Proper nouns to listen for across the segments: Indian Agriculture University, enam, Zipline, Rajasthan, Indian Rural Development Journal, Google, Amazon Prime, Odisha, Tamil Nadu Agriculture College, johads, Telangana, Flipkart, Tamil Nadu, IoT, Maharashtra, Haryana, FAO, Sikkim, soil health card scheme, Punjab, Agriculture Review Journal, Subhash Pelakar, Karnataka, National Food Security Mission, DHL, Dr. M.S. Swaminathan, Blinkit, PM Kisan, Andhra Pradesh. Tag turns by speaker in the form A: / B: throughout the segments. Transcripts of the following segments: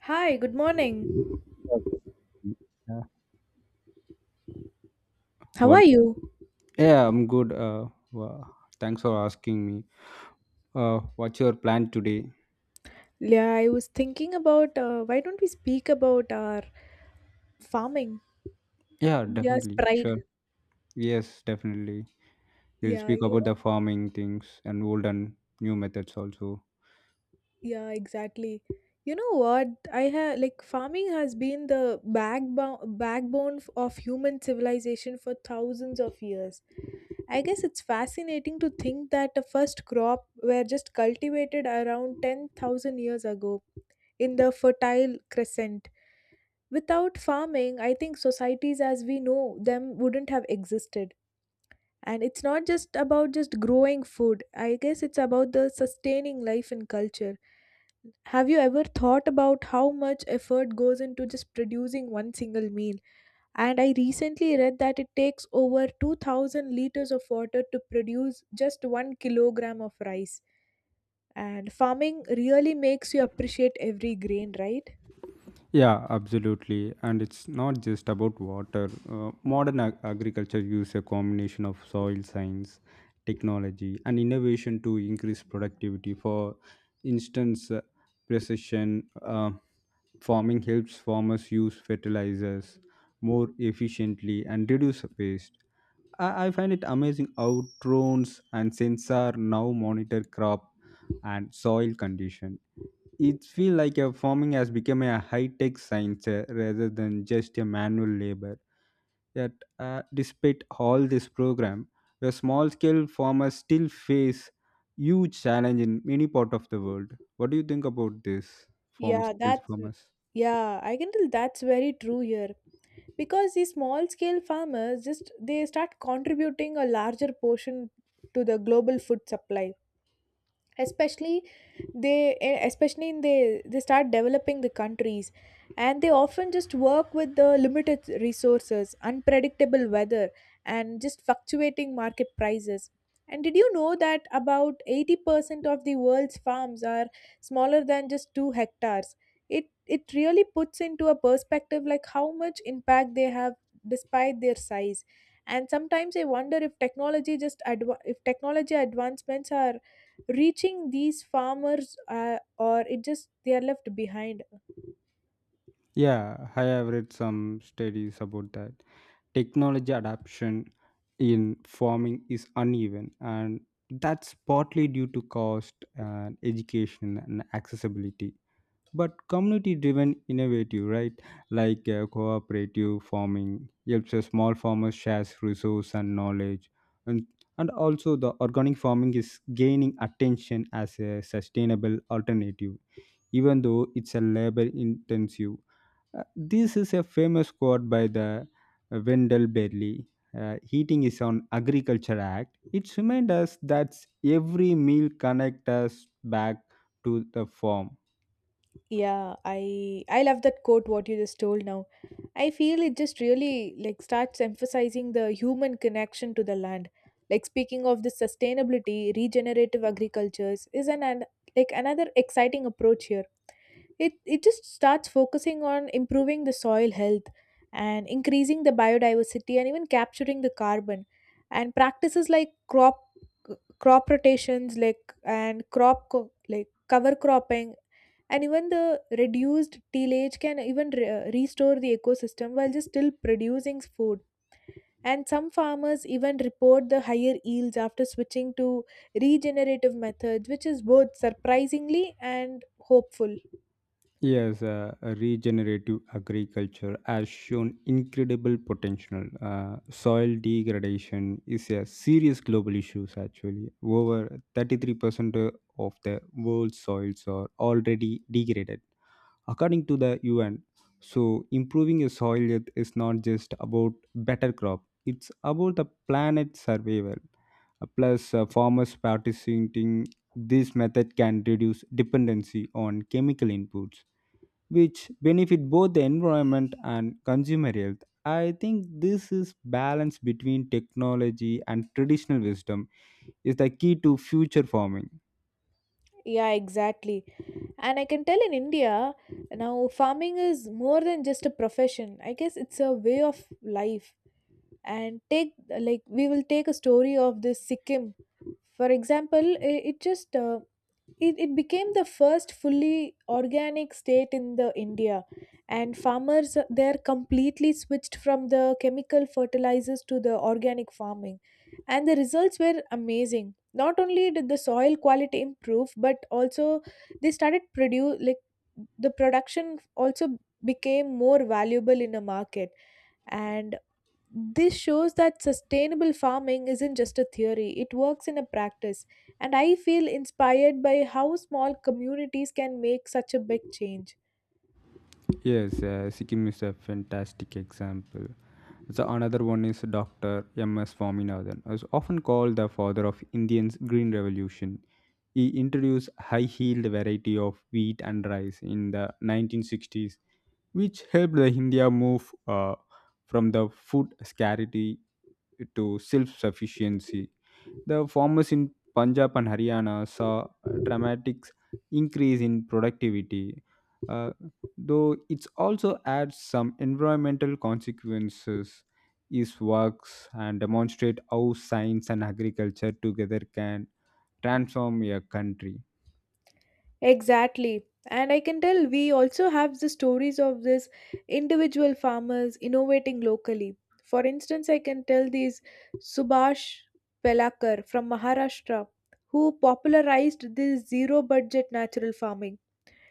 A: Hi, good morning.
B: Okay. Yeah.
A: How are
B: What?
A: you?
B: Yeah, I'm good, thanks for asking me. What's your plan today?
A: Yeah, I was thinking about why don't we speak about our farming,
B: Yeah,
A: India's
B: definitely. Sure.
A: pride.
B: Yes, definitely. We'll
A: Yeah,
B: speak
A: you
B: about the
A: know,
B: farming things and old and new methods also.
A: yeah, exactly. You know what? I have like farming has been the backbone of human civilization for thousands of years. I guess it's fascinating to think that the first crop were just cultivated around 10,000 years ago in the Fertile Crescent. Without farming, I think societies as we know them wouldn't have existed. And it's not just about just growing food. I guess it's about the sustaining life and culture. Have you ever thought about how much effort goes into just producing one single meal? And I recently read that it takes over 2000 liters of water to produce just 1 kilogram of rice. And farming really makes you appreciate every grain, right?
B: Yeah, absolutely. And it's not just about water. Modern agriculture uses a combination of soil science, technology, and innovation to increase productivity. For instance, precision farming helps farmers use fertilizers more efficiently and reduce waste. I find it amazing how drones and sensor now monitor crop and soil condition. It feels like a farming has become a high-tech science rather than just a manual labor. Yet, despite all this program, the small-scale farmers still face huge challenge in many part of the world. What do you think about this farm
A: Yeah,
B: scale
A: that's
B: farmers?
A: yeah, I can tell that's very true here, because these small scale farmers just they start contributing a larger portion to the global food supply, especially they eh, especially in they start developing the countries, and they often just work with the limited resources, unpredictable weather, and just fluctuating market prices. And did you know that about 80% of the world's farms are smaller than just 2 hectares? It really puts into a perspective like how much impact they have despite their size. And sometimes I wonder if technology just if technology advancements are reaching these farmers, or it just they are left behind.
B: Yeah, I have read some studies about that. Technology adoption in farming is uneven, and that's partly due to cost and education and accessibility, but community driven innovative right like cooperative farming helps a small farmers shares resource and knowledge. and and also the organic farming is gaining attention as a sustainable alternative, even though it's a labor intensive. Uh, this is a famous quote by the Wendell Berry. Uh, heating is on agriculture act. It reminds us that every meal connects us back to the farm.
A: Yeah, I love that quote what you just told now. I feel it just really like starts emphasizing the human connection to the land. Like, speaking of the sustainability, regenerative agricultures is an like another exciting approach here. It just starts focusing on improving the soil health and increasing the biodiversity and even capturing the carbon. And practices like crop rotations, like, and like cover cropping and even the reduced tillage can even restore the ecosystem while just still producing food. And some farmers even report the higher yields after switching to regenerative methods, which is both surprisingly and hopeful.
B: Yes, regenerative agriculture has shown incredible potential. Soil degradation is a serious global issue, actually. Over 33% of the world's soils are already degraded, according to the UN. So, improving your soil health is not just about better crop, it's about the planet's survival. Plus, farmers participating this method can reduce dependency on chemical inputs which benefit both the environment and consumer health. I think this is balance between technology and traditional wisdom is the key to future farming.
A: Yeah, exactly. And I can tell in India, now farming is more than just a profession. I guess it's a way of life. And take, like, we will take a story of this Sikkim. For example, it just it became the first fully organic state in the India. And farmers there completely switched from the chemical fertilizers to the organic farming, and the results were amazing. Not only did the soil quality improve, but also they started produce like the production also became more valuable in the market. And this shows that sustainable farming isn't just a theory, it works in a practice. And I feel inspired by how small communities can make such a big change.
B: Yes, Sikkim is a fantastic example. So another one is Dr. M.S. Swaminathan, who is often called the father of Indian's Green Revolution. He introduced high-yield variety of wheat and rice in the 1960s, which helped the India move from the food scarcity to self-sufficiency. The farmers in Punjab and Haryana saw a dramatic increase in productivity, uh, though it also adds some environmental consequences. His works and demonstrate how science and agriculture together can transform a country.
A: Exactly. And I can tell we also have the stories of these individual farmers innovating locally. For instance, I can tell these Subhash Pelakar from Maharashtra, who popularized this zero budget natural farming.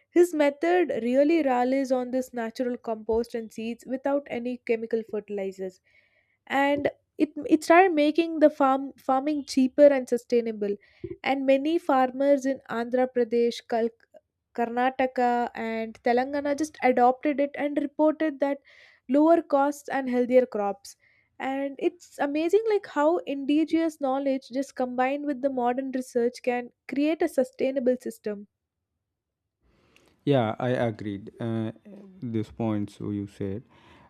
A: His method really relies on this natural compost and seeds without any chemical fertilizers. And it started making the farming cheaper and sustainable. And many farmers in Andhra Pradesh, Karnataka, and Telangana just adopted it and reported that lower costs and healthier crops. And it's amazing like how indigenous knowledge just combined with the modern research can create a sustainable system.
B: Yeah, I agreed. This point, so you said.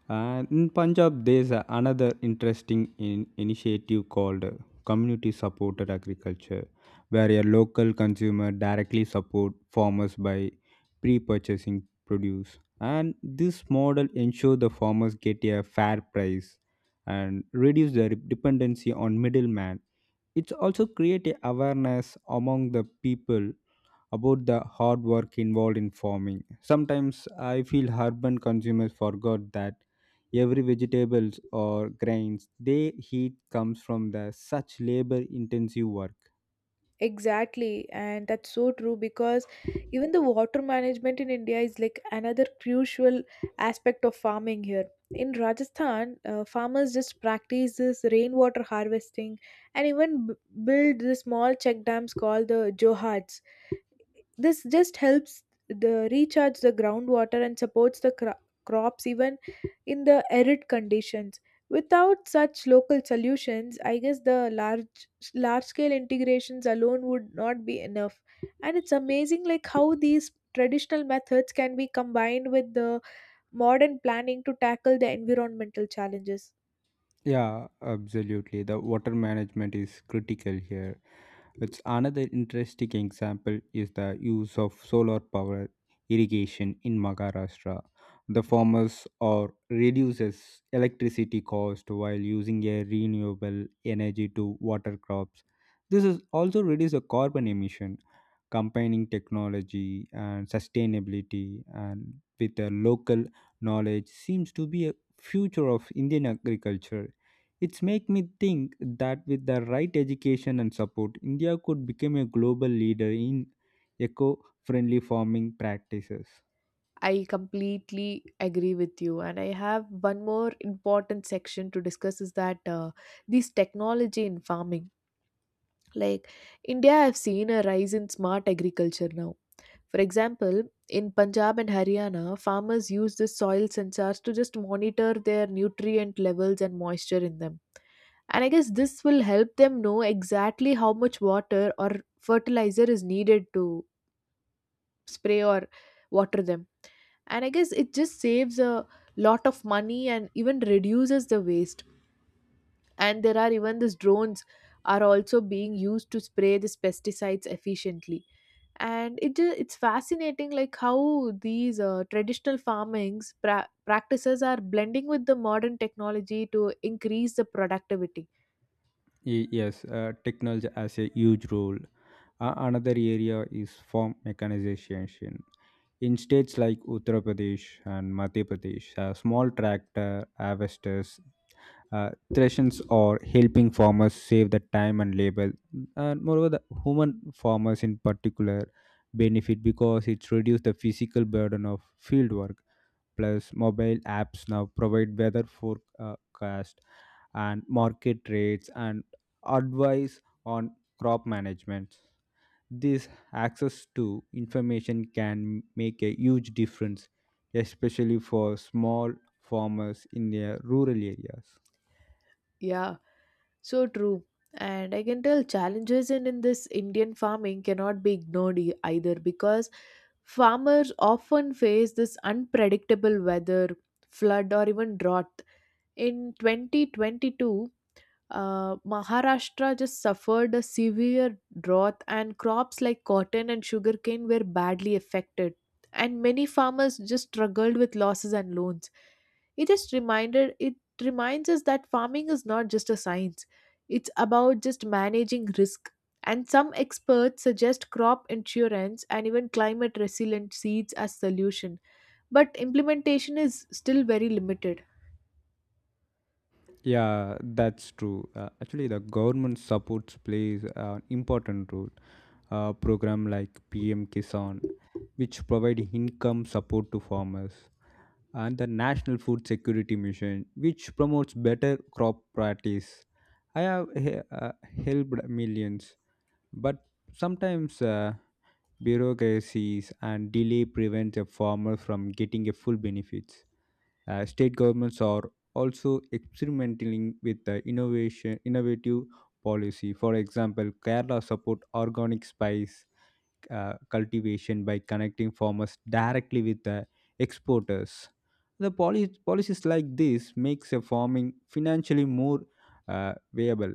B: And in Punjab, there's another interesting in initiative called Community Supported Agriculture, where a local consumer directly support farmers by pre-purchasing produce. And this model ensure the farmers get a fair price and reduce their dependency on middleman. It's also create a awareness among the people about the hard work involved in farming. Sometimes I feel urban consumers forgot that every vegetables or grains they eat comes from the such labor intensive work.
A: Exactly, and that's so true, because even the water management in India is like another crucial aspect of farming here. In Rajasthan, farmers just practice this rainwater harvesting and even build the small check dams called the johads. This just helps the recharge the groundwater and supports the crops even in the arid conditions. Without such local solutions, I guess the large scale integrations alone would not be enough. And it's amazing like how these traditional methods can be combined with the modern planning to tackle the environmental challenges.
B: Yeah, absolutely. The water management is critical here. It's another interesting example is the use of solar power irrigation in Maharashtra. The farmers are reduces electricity cost while using a renewable energy to water crops. This is also reduce the carbon emission, combining technology and sustainability and with the local knowledge seems to be a future of Indian agriculture. It's make me think that with the right education and support, India could become a global leader in eco-friendly farming practices.
A: I completely agree with you. And I have one more important section to discuss is that this technology in farming. Like, India, I've seen a rise in smart agriculture now. For example, in Punjab and Haryana, farmers use the soil sensors to just monitor their nutrient levels and moisture in them. And I guess this will help them know exactly how much water or fertilizer is needed to spray or water them. And I guess it just saves a lot of money and even reduces the waste. And there are even these drones are also being used to spray these pesticides efficiently. And it's fascinating like how these traditional farmings practices are blending with the modern technology to increase the productivity.
B: Yes, technology has a huge role. Another area is farm mechanization. In states like Uttar Pradesh and Madhya Pradesh, small tractor harvesters, threshings or helping farmers save the time and labor. And moreover, the human farmers in particular benefit because it reduces the physical burden of field work. Plus, mobile apps now provide weather forecast and market rates and advice on crop management. This access to information can make a huge difference, especially for small farmers in their rural areas.
A: Yeah, so true. And I can tell challenges in this Indian farming cannot be ignored either, because farmers often face this unpredictable weather, flood, or even drought. In 2022, Maharashtra just suffered a severe drought, and crops like cotton and sugarcane were badly affected. And many farmers just struggled with losses and loans. It just reminded it reminds us that farming is not just a science; it's about just managing risk. And some experts suggest crop insurance and even climate resilient seeds as solution, but implementation is still very limited.
B: Yeah, that's true. Actually, the government supports plays an important role. A program like PM Kisan, which provide income support to farmers, and the National Food Security Mission, which promotes better crop practice. I have helped millions, but sometimes bureaucracies and delay prevents a farmer from getting a full benefits. State governments are also experimenting with the innovation innovative policy. For example, Kerala support organic spice cultivation by connecting farmers directly with the exporters. The policies like this makes a farming financially more viable.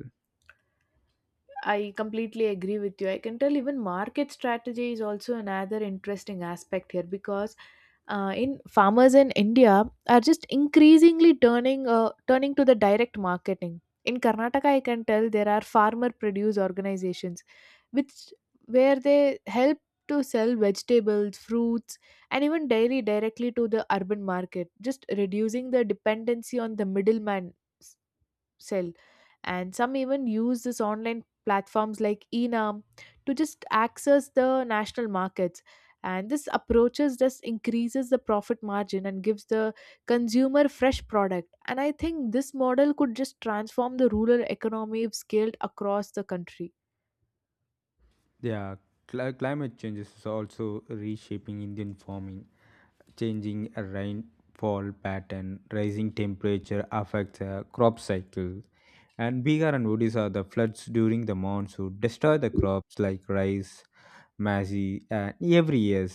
A: I completely agree with you. I can tell even market strategy is also another interesting aspect here, because in farmers in India are just increasingly turning to the direct marketing. In Karnataka, I can tell there are farmer produce organizations, which where they help to sell vegetables, fruits, and even dairy directly to the urban market, just reducing the dependency on the middleman sell. And some even use this online platforms like enam to just access the national markets. And this approaches just increases the profit margin and gives the consumer fresh product. And I think this model could just transform the rural economy if scaled across the country.
B: Yeah, climate change is also reshaping Indian farming. Changing rainfall pattern, rising temperature affects crop cycles. And Bihar and Odisha, the floods during the monsoon destroy the crops like rice, Massey, every year.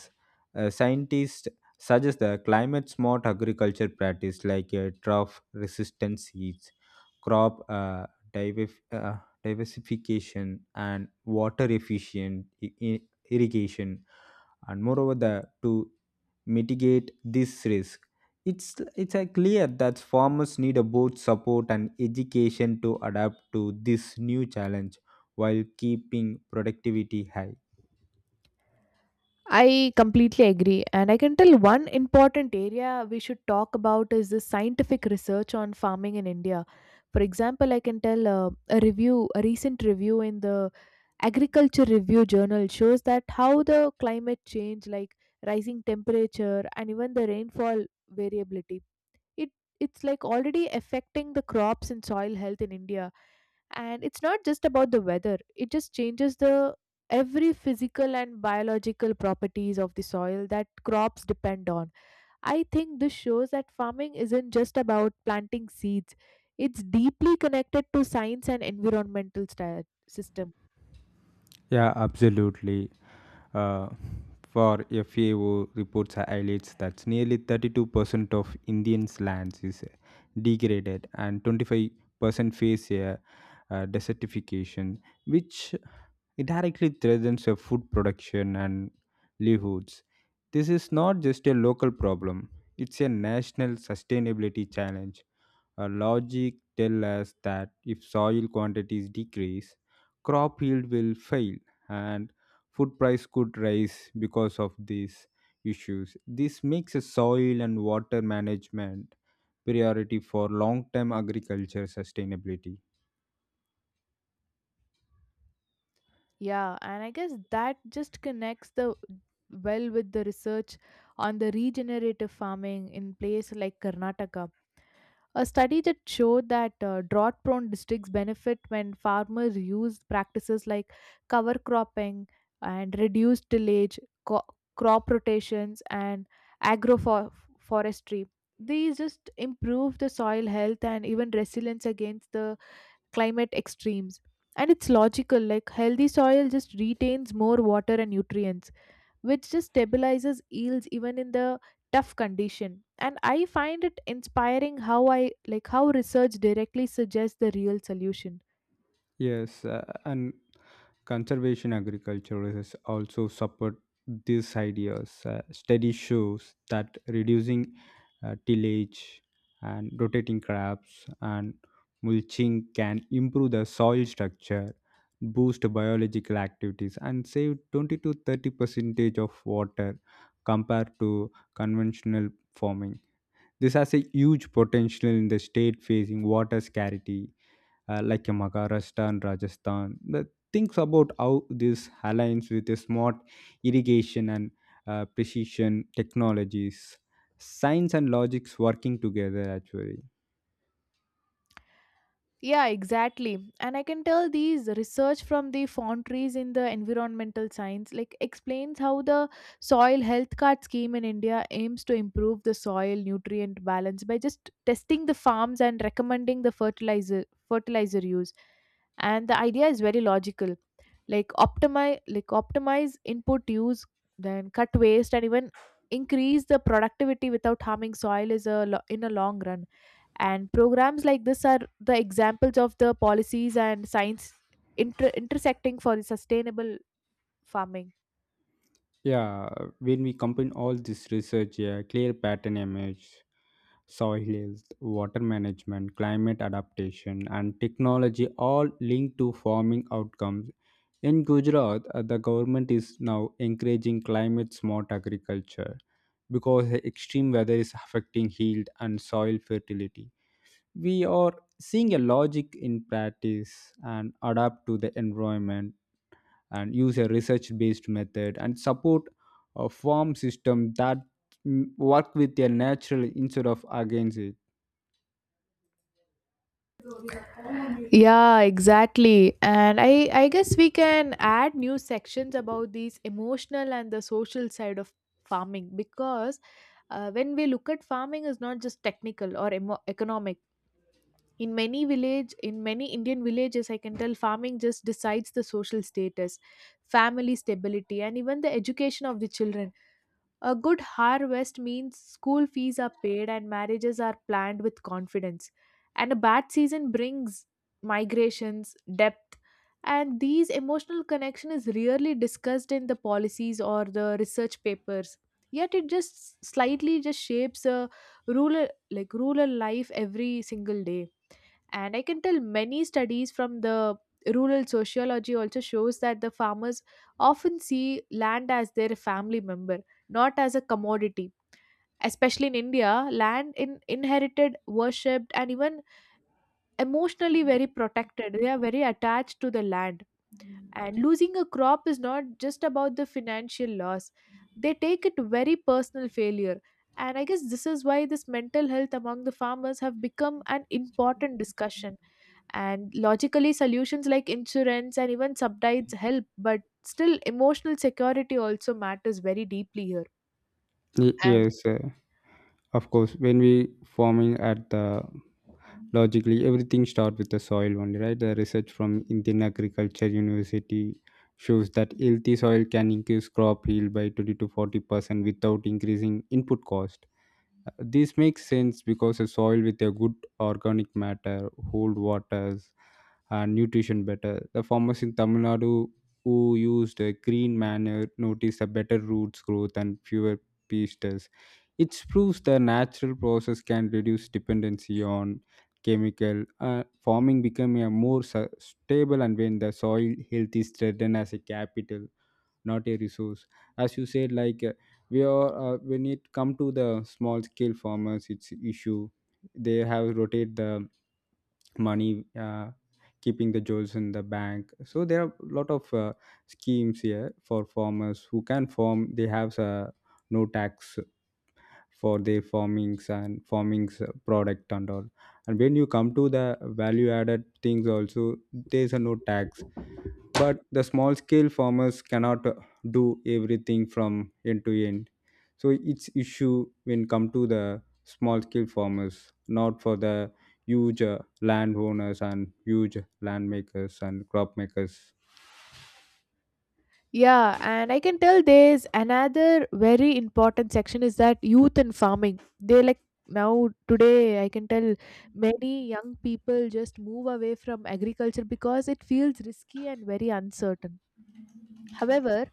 B: Scientists suggest the climate smart agriculture practice like drought resistant seeds, crop divif- uh, diversification, and water efficient irrigation, and moreover, to mitigate this risk. It's clear that farmers need a both support and education to adapt to this new challenge while keeping productivity high.
A: I completely agree. And I can tell one important area we should talk about is the scientific research on farming in India. For example, I can tell a recent review in the Agriculture Review Journal shows that how the climate change, like rising temperature and even the rainfall variability, it it's like already affecting the crops and soil health in India. And it's not just about the weather, it just changes the every physical and biological properties of the soil that crops depend on. I think this shows that farming isn't just about planting seeds, it's deeply connected to science and environmental system.
B: Yeah, absolutely. Uh, for FAO reports highlights that nearly 32% of Indians' lands is degraded and 25% face a desertification, which it directly threatens a food production and livelihoods. This is not just a local problem, it's a national sustainability challenge. Our logic tells us that if soil quantities decrease, crop yield will fail and food price could rise because of these issues. This makes a soil and water management priority for long-term agriculture sustainability.
A: Yeah, and I guess that just connects the well with the research on the regenerative farming in place like Karnataka. A study that showed that drought prone districts benefit when farmers use practices like cover cropping and reduced tillage, co- crop rotations, and agroforestry. These just improve the soil health and even resilience against the climate extremes. And it's logical, like healthy soil just retains more water and nutrients, which just stabilizes yields even in the tough condition. And I find it inspiring how I like how research directly suggests the real solution.
B: Yes, and conservation agriculture is also support these ideas. Study shows that reducing tillage and rotating crops and mulching can improve the soil structure, boost biological activities, and save 20 to 30 percentage of water compared to conventional farming. This has a huge potential in the state facing water scarcity like in Maharashtra and Rajasthan. The thinks about how this aligns with a smart irrigation and precision technologies, science and logics working together actually.
A: Yeah, exactly. And I can tell these research from the foundries in the environmental science like explains how the soil health card scheme in India aims to improve the soil nutrient balance by just testing the farms and recommending the fertilizer use. And the idea is very logical, like optimize input use, then cut waste and even increase the productivity without harming soil is a in a long run. And programs like this are the examples of the policies and science intersecting for the sustainable farming.
B: Yeah, when we combine all this research, yeah, clear pattern image, soil health, water management, climate adaptation, and technology all linked to farming outcomes. In Gujarat, the government is now encouraging climate smart agriculture because the extreme weather is affecting yield and soil fertility. We are seeing a logic in practice and adapt to the environment and use a research based method and support a farm system that work with their natural instead of against it.
A: Yeah, exactly. And I guess we can add new sections about these emotional and the social side of farming, because when we look at farming is not just technical or economic. In many village, in many Indian villages, I can tell farming just decides the social status, family stability, and even the education of the children. A good harvest means school fees are paid and marriages are planned with confidence. And a bad season brings migrations, depth. And these emotional connection is rarely discussed in the policies or the research papers. Yet it just slightly just shapes a rural like rural life every single day. And I can tell many studies from the rural sociology also shows that the farmers often see land as their family member, not as a commodity. Especially in India, land in inherited, worshipped, and even emotionally very protected. They are very attached to the land. And losing a crop is not just about the financial loss, they take it very personal failure. And I guess this is why this mental health among the farmers have become an important discussion. And logically, solutions like insurance and even subsidies help, but still emotional security also matters very deeply here.
B: Y-
A: And
B: Yes, uh, of course. When we farming at the logically, everything start with the soil only, right? The research from Indian Agriculture University shows that healthy soil can increase crop yield by 20 to 40% without increasing input cost. This makes sense because a soil with a good organic matter hold waters and nutrition better. The farmers in Tamil Nadu who used a green manure noticed a better roots growth and fewer pests. It proves the natural process can reduce dependency on chemical. Uh, farming become a more stable and when the soil health is threatened as a capital, not a resource. As you said, like we are when it come to the small scale farmers, it's issue. They have rotate the money keeping the jewels in the bank, so there are a lot of schemes here for farmers who can farm. They have no tax for their farmings and farmings product and all, and when you come to the value added things also there's a no tax, but the small scale farmers cannot do everything from end to end, so it's issue when come to the small scale farmers, not for the huge landowners and huge land makers and crop makers.
A: yeah, and I Can tell there's another very important section is that youth and farming. They like now today I can tell many young people just move away from agriculture because it feels risky and very uncertain. However,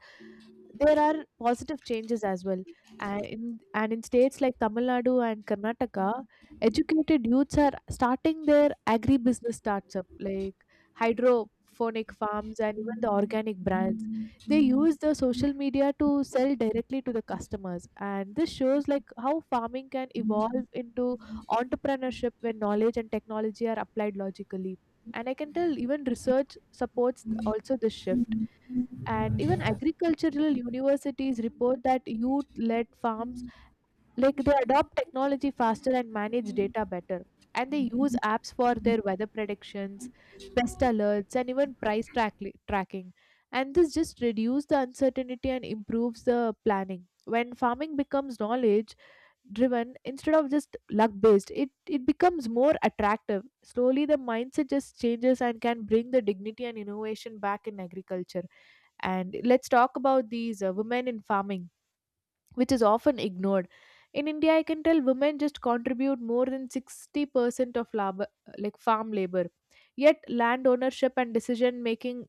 A: there are positive changes as well. And in states like Tamil Nadu and Karnataka, educated youths are starting their agribusiness starts up like hydroponic farms and even the organic brands. They use the social media to sell directly to the customers. And this shows like how farming can evolve into entrepreneurship when knowledge and technology are applied logically. And I can tell even research supports also this shift, and even agricultural universities report that youth-led farms, like they adopt technology faster and manage data better, and they use apps for their weather predictions, pest alerts and even tracking. And this just reduces the uncertainty and improves the planning. When farming becomes knowledge driven instead of just luck based, it becomes more attractive. Slowly the mindset just changes and can bring the dignity and innovation back in agriculture. And let's talk about these women in farming, which is often ignored. In India, I can tell women just contribute more than 60% of labor, like farm labor. Yet land ownership and decision making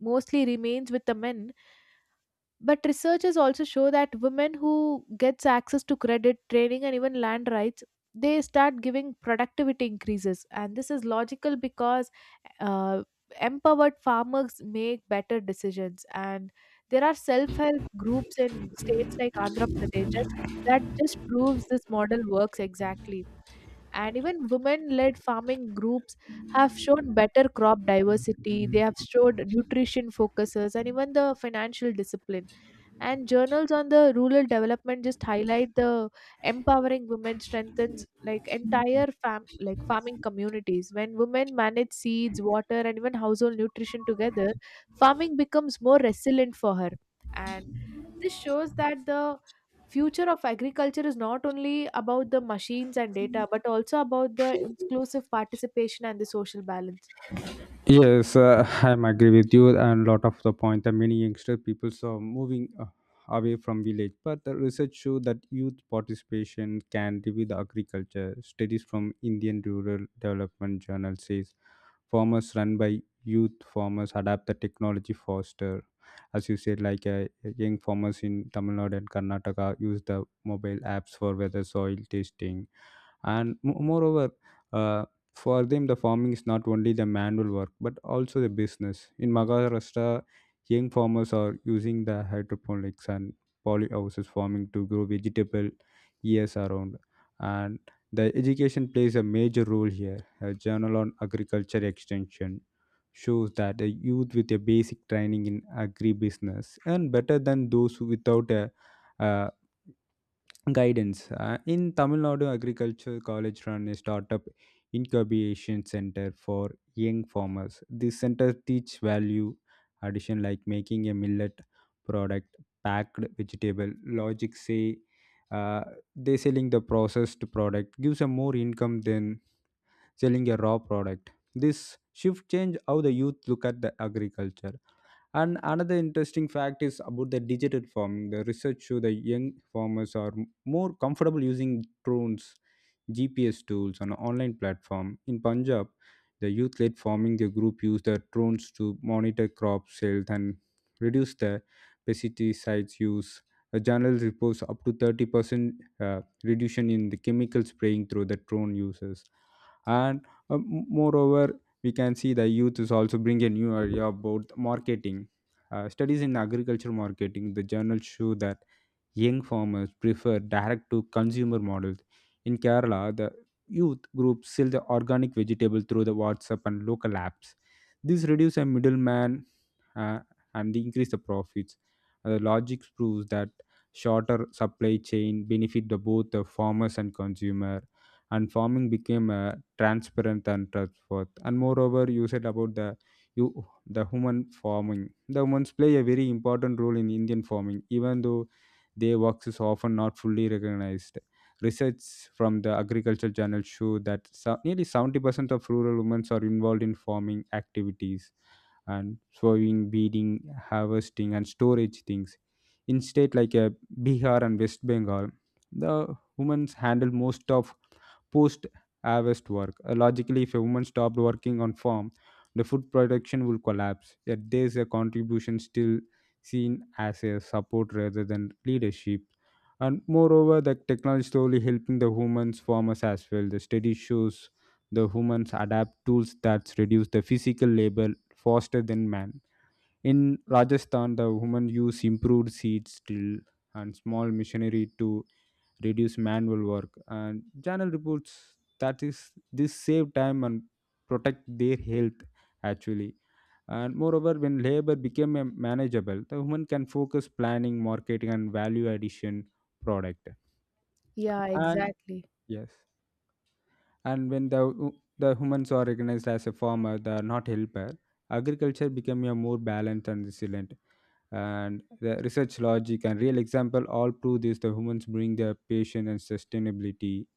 A: mostly remains with the men, but researchers also show that women who gets access to credit, training and even land rights, they start giving productivity increases. And this is logical because uh, empowered farmers make better decisions. And there are self-help groups in states like Andhra Pradesh just, that just proves this model works exactly. And even women-led farming groups have shown better crop diversity. They have showed nutrition focuses and even the financial discipline, and journals on the rural development just highlight the empowering women strengthens like entire fam like farming communities. When women manage seeds, water and even household nutrition together, farming becomes more resilient for her. And this shows that the future of agriculture is not only about the machines and data but also about the inclusive participation and the social balance.
B: Yes, I'm agree with you, and lot of the point. The many youngster people are moving away from village, but the research show that youth participation can revive the agriculture. Studies from Indian Rural Development Journal says farmers run by youth farmers adapt the technology faster. As you said, like, young farmers in Tamil Nadu and Karnataka use the mobile apps for weather, soil testing and moreover, uh, for them the farming is not only the manual work but also the business. In Maharashtra, young farmers are using the hydroponics and polyhouses farming to grow vegetable years around, and the education plays a major role here. A journal on agriculture extension shows that a youth with a basic training in agribusiness earn better than those who without a, uh, guidance. Uh, in Tamil Nadu Agriculture College run a startup incubation center for young farmers. This center teach value addition like making a millet product, packed vegetable. Logic say, uh, they selling the processed product gives a more income than selling a raw product. This shift change how the youth look at the agriculture, and another interesting fact is about the digital farming. The research show the young farmers are more comfortable using drones, GPS tools on an online platform. In Punjab, the youth led farming the group used the drones to monitor crop health and reduce the pesticides use. A journal reports up to 30% reduction in the chemical spraying through the drone uses. And moreover, we can see the youth is also bring a new idea about marketing. Studies in agriculture marketing, the journals show that young farmers prefer direct to consumer models. In Kerala, the youth groups sell the organic vegetable through the WhatsApp and local apps. This reduces a middleman uh, and increase the profits. The logic proves that shorter supply chain benefit the both the farmers and consumer, and farming became transparent and trustworthy. And moreover, you said about the you the human farming, the humans play a very important role in Indian farming even though their works is often not fully recognized. Research from the agricultural journal show that nearly 70% of rural women are involved in farming activities and sowing, beading, harvesting, and storage things. In state like Bihar and West Bengal, the women handle most of post harvest work. Logically, if a woman stopped working on farm, the food production will collapse. Yet there's a contribution still seen as a support rather than leadership. And moreover, the technology slowly helping the humans farmers as well. The study shows the humans adapt tools that reduce the physical labor faster than man. In Rajasthan, the women use improved seeds drill and small machinery to reduce manual work, and journal reports that is this save time and protect their health actually. And moreover, when labor became manageable the woman can focus planning marketing and value addition product.
A: Yeah,
B: And
A: exactly.
B: yes, and when the humans are recognized as a farmer they are not helper, agriculture become a more balanced and resilient, and the research logic and real example all prove this. The humans bring their patience and sustainability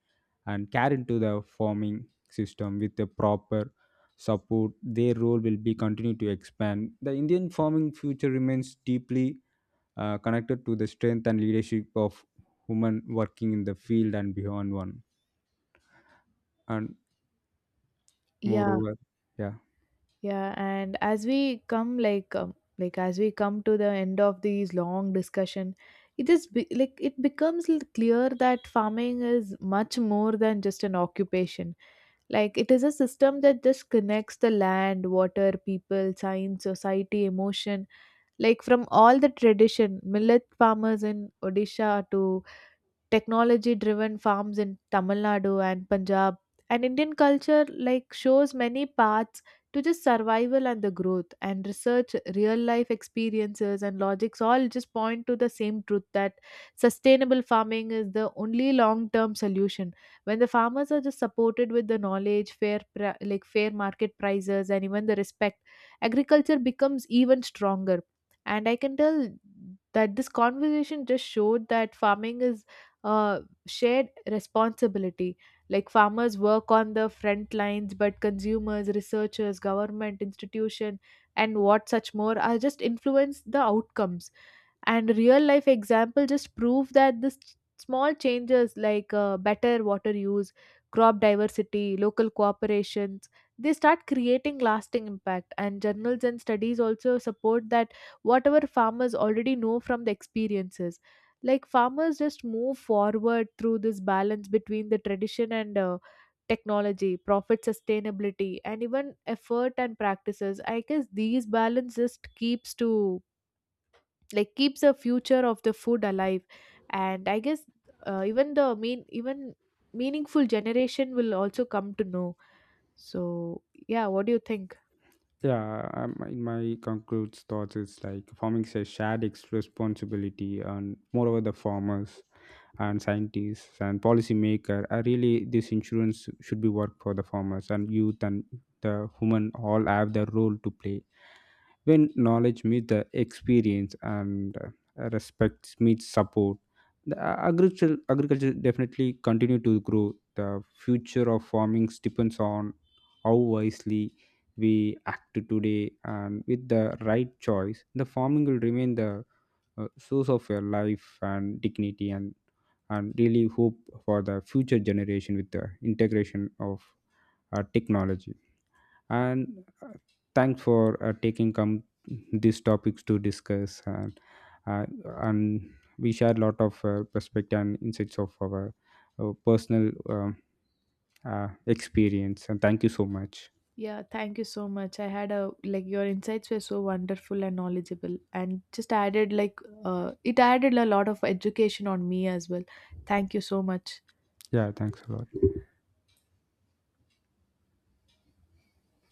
B: and carried into the farming system. With the proper support their role will be continue to expand the Indian farming future remains deeply connected to the strength and leadership of women working in the field and beyond one, and
A: Yeah.
B: moreover, yeah.
A: And as we come like as we come to the end of these long discussion, like it becomes clear that farming is much more than just an occupation. Like it is a system that just connects the land, water, people, science, society, emotion. Like from all the tradition, millet farmers in Odisha to technology driven farms in Tamil Nadu and Punjab. And Indian culture like shows many paths to just survival and the growth, and research, real life experiences and logics all just point to the same truth that sustainable farming is the only long term solution. When the farmers are just supported with the knowledge, like fair market prices and even the respect, agriculture becomes even stronger. And I can tell that this conversation just showed that farming is uh, shared responsibility. Like farmers work on the front lines, but consumers, researchers, government institution and what such more are just influence the outcomes. And real life example just prove that small changes like better water use, crop diversity, local cooperations, they start creating lasting impact. And journals and studies also support that whatever farmers already know from the experiences, like farmers just move forward through this balance between the tradition and technology, profit, sustainability and even effort and practices. I guess these balance just keeps to like keeps the future of the food alive. And I guess even meaningful generation will also come to know. So yeah, what do you think?
B: Yeah, in my concludes thoughts, it's like farming is a shared responsibility, and moreover, the farmers and scientists and policymaker are really this insurance should be work for the farmers and youth and the women all have their role to play. When knowledge meets the experience and respect meets support, the agriculture definitely continue to grow. The future of farming depends on how wisely we act today, and with the right choice the farming will remain the source of your life and dignity, and really hope for the future generation with the integration of technology and thanks for taking come these topics to discuss, uh, and we share a lot of perspective and insights of our, personal experience, and thank you so much.
A: Yeah, thank you so much. I had a like your insights were so wonderful and knowledgeable and just added like it added a lot of education on me as well. Thank you so much.
B: Yeah, thanks a lot.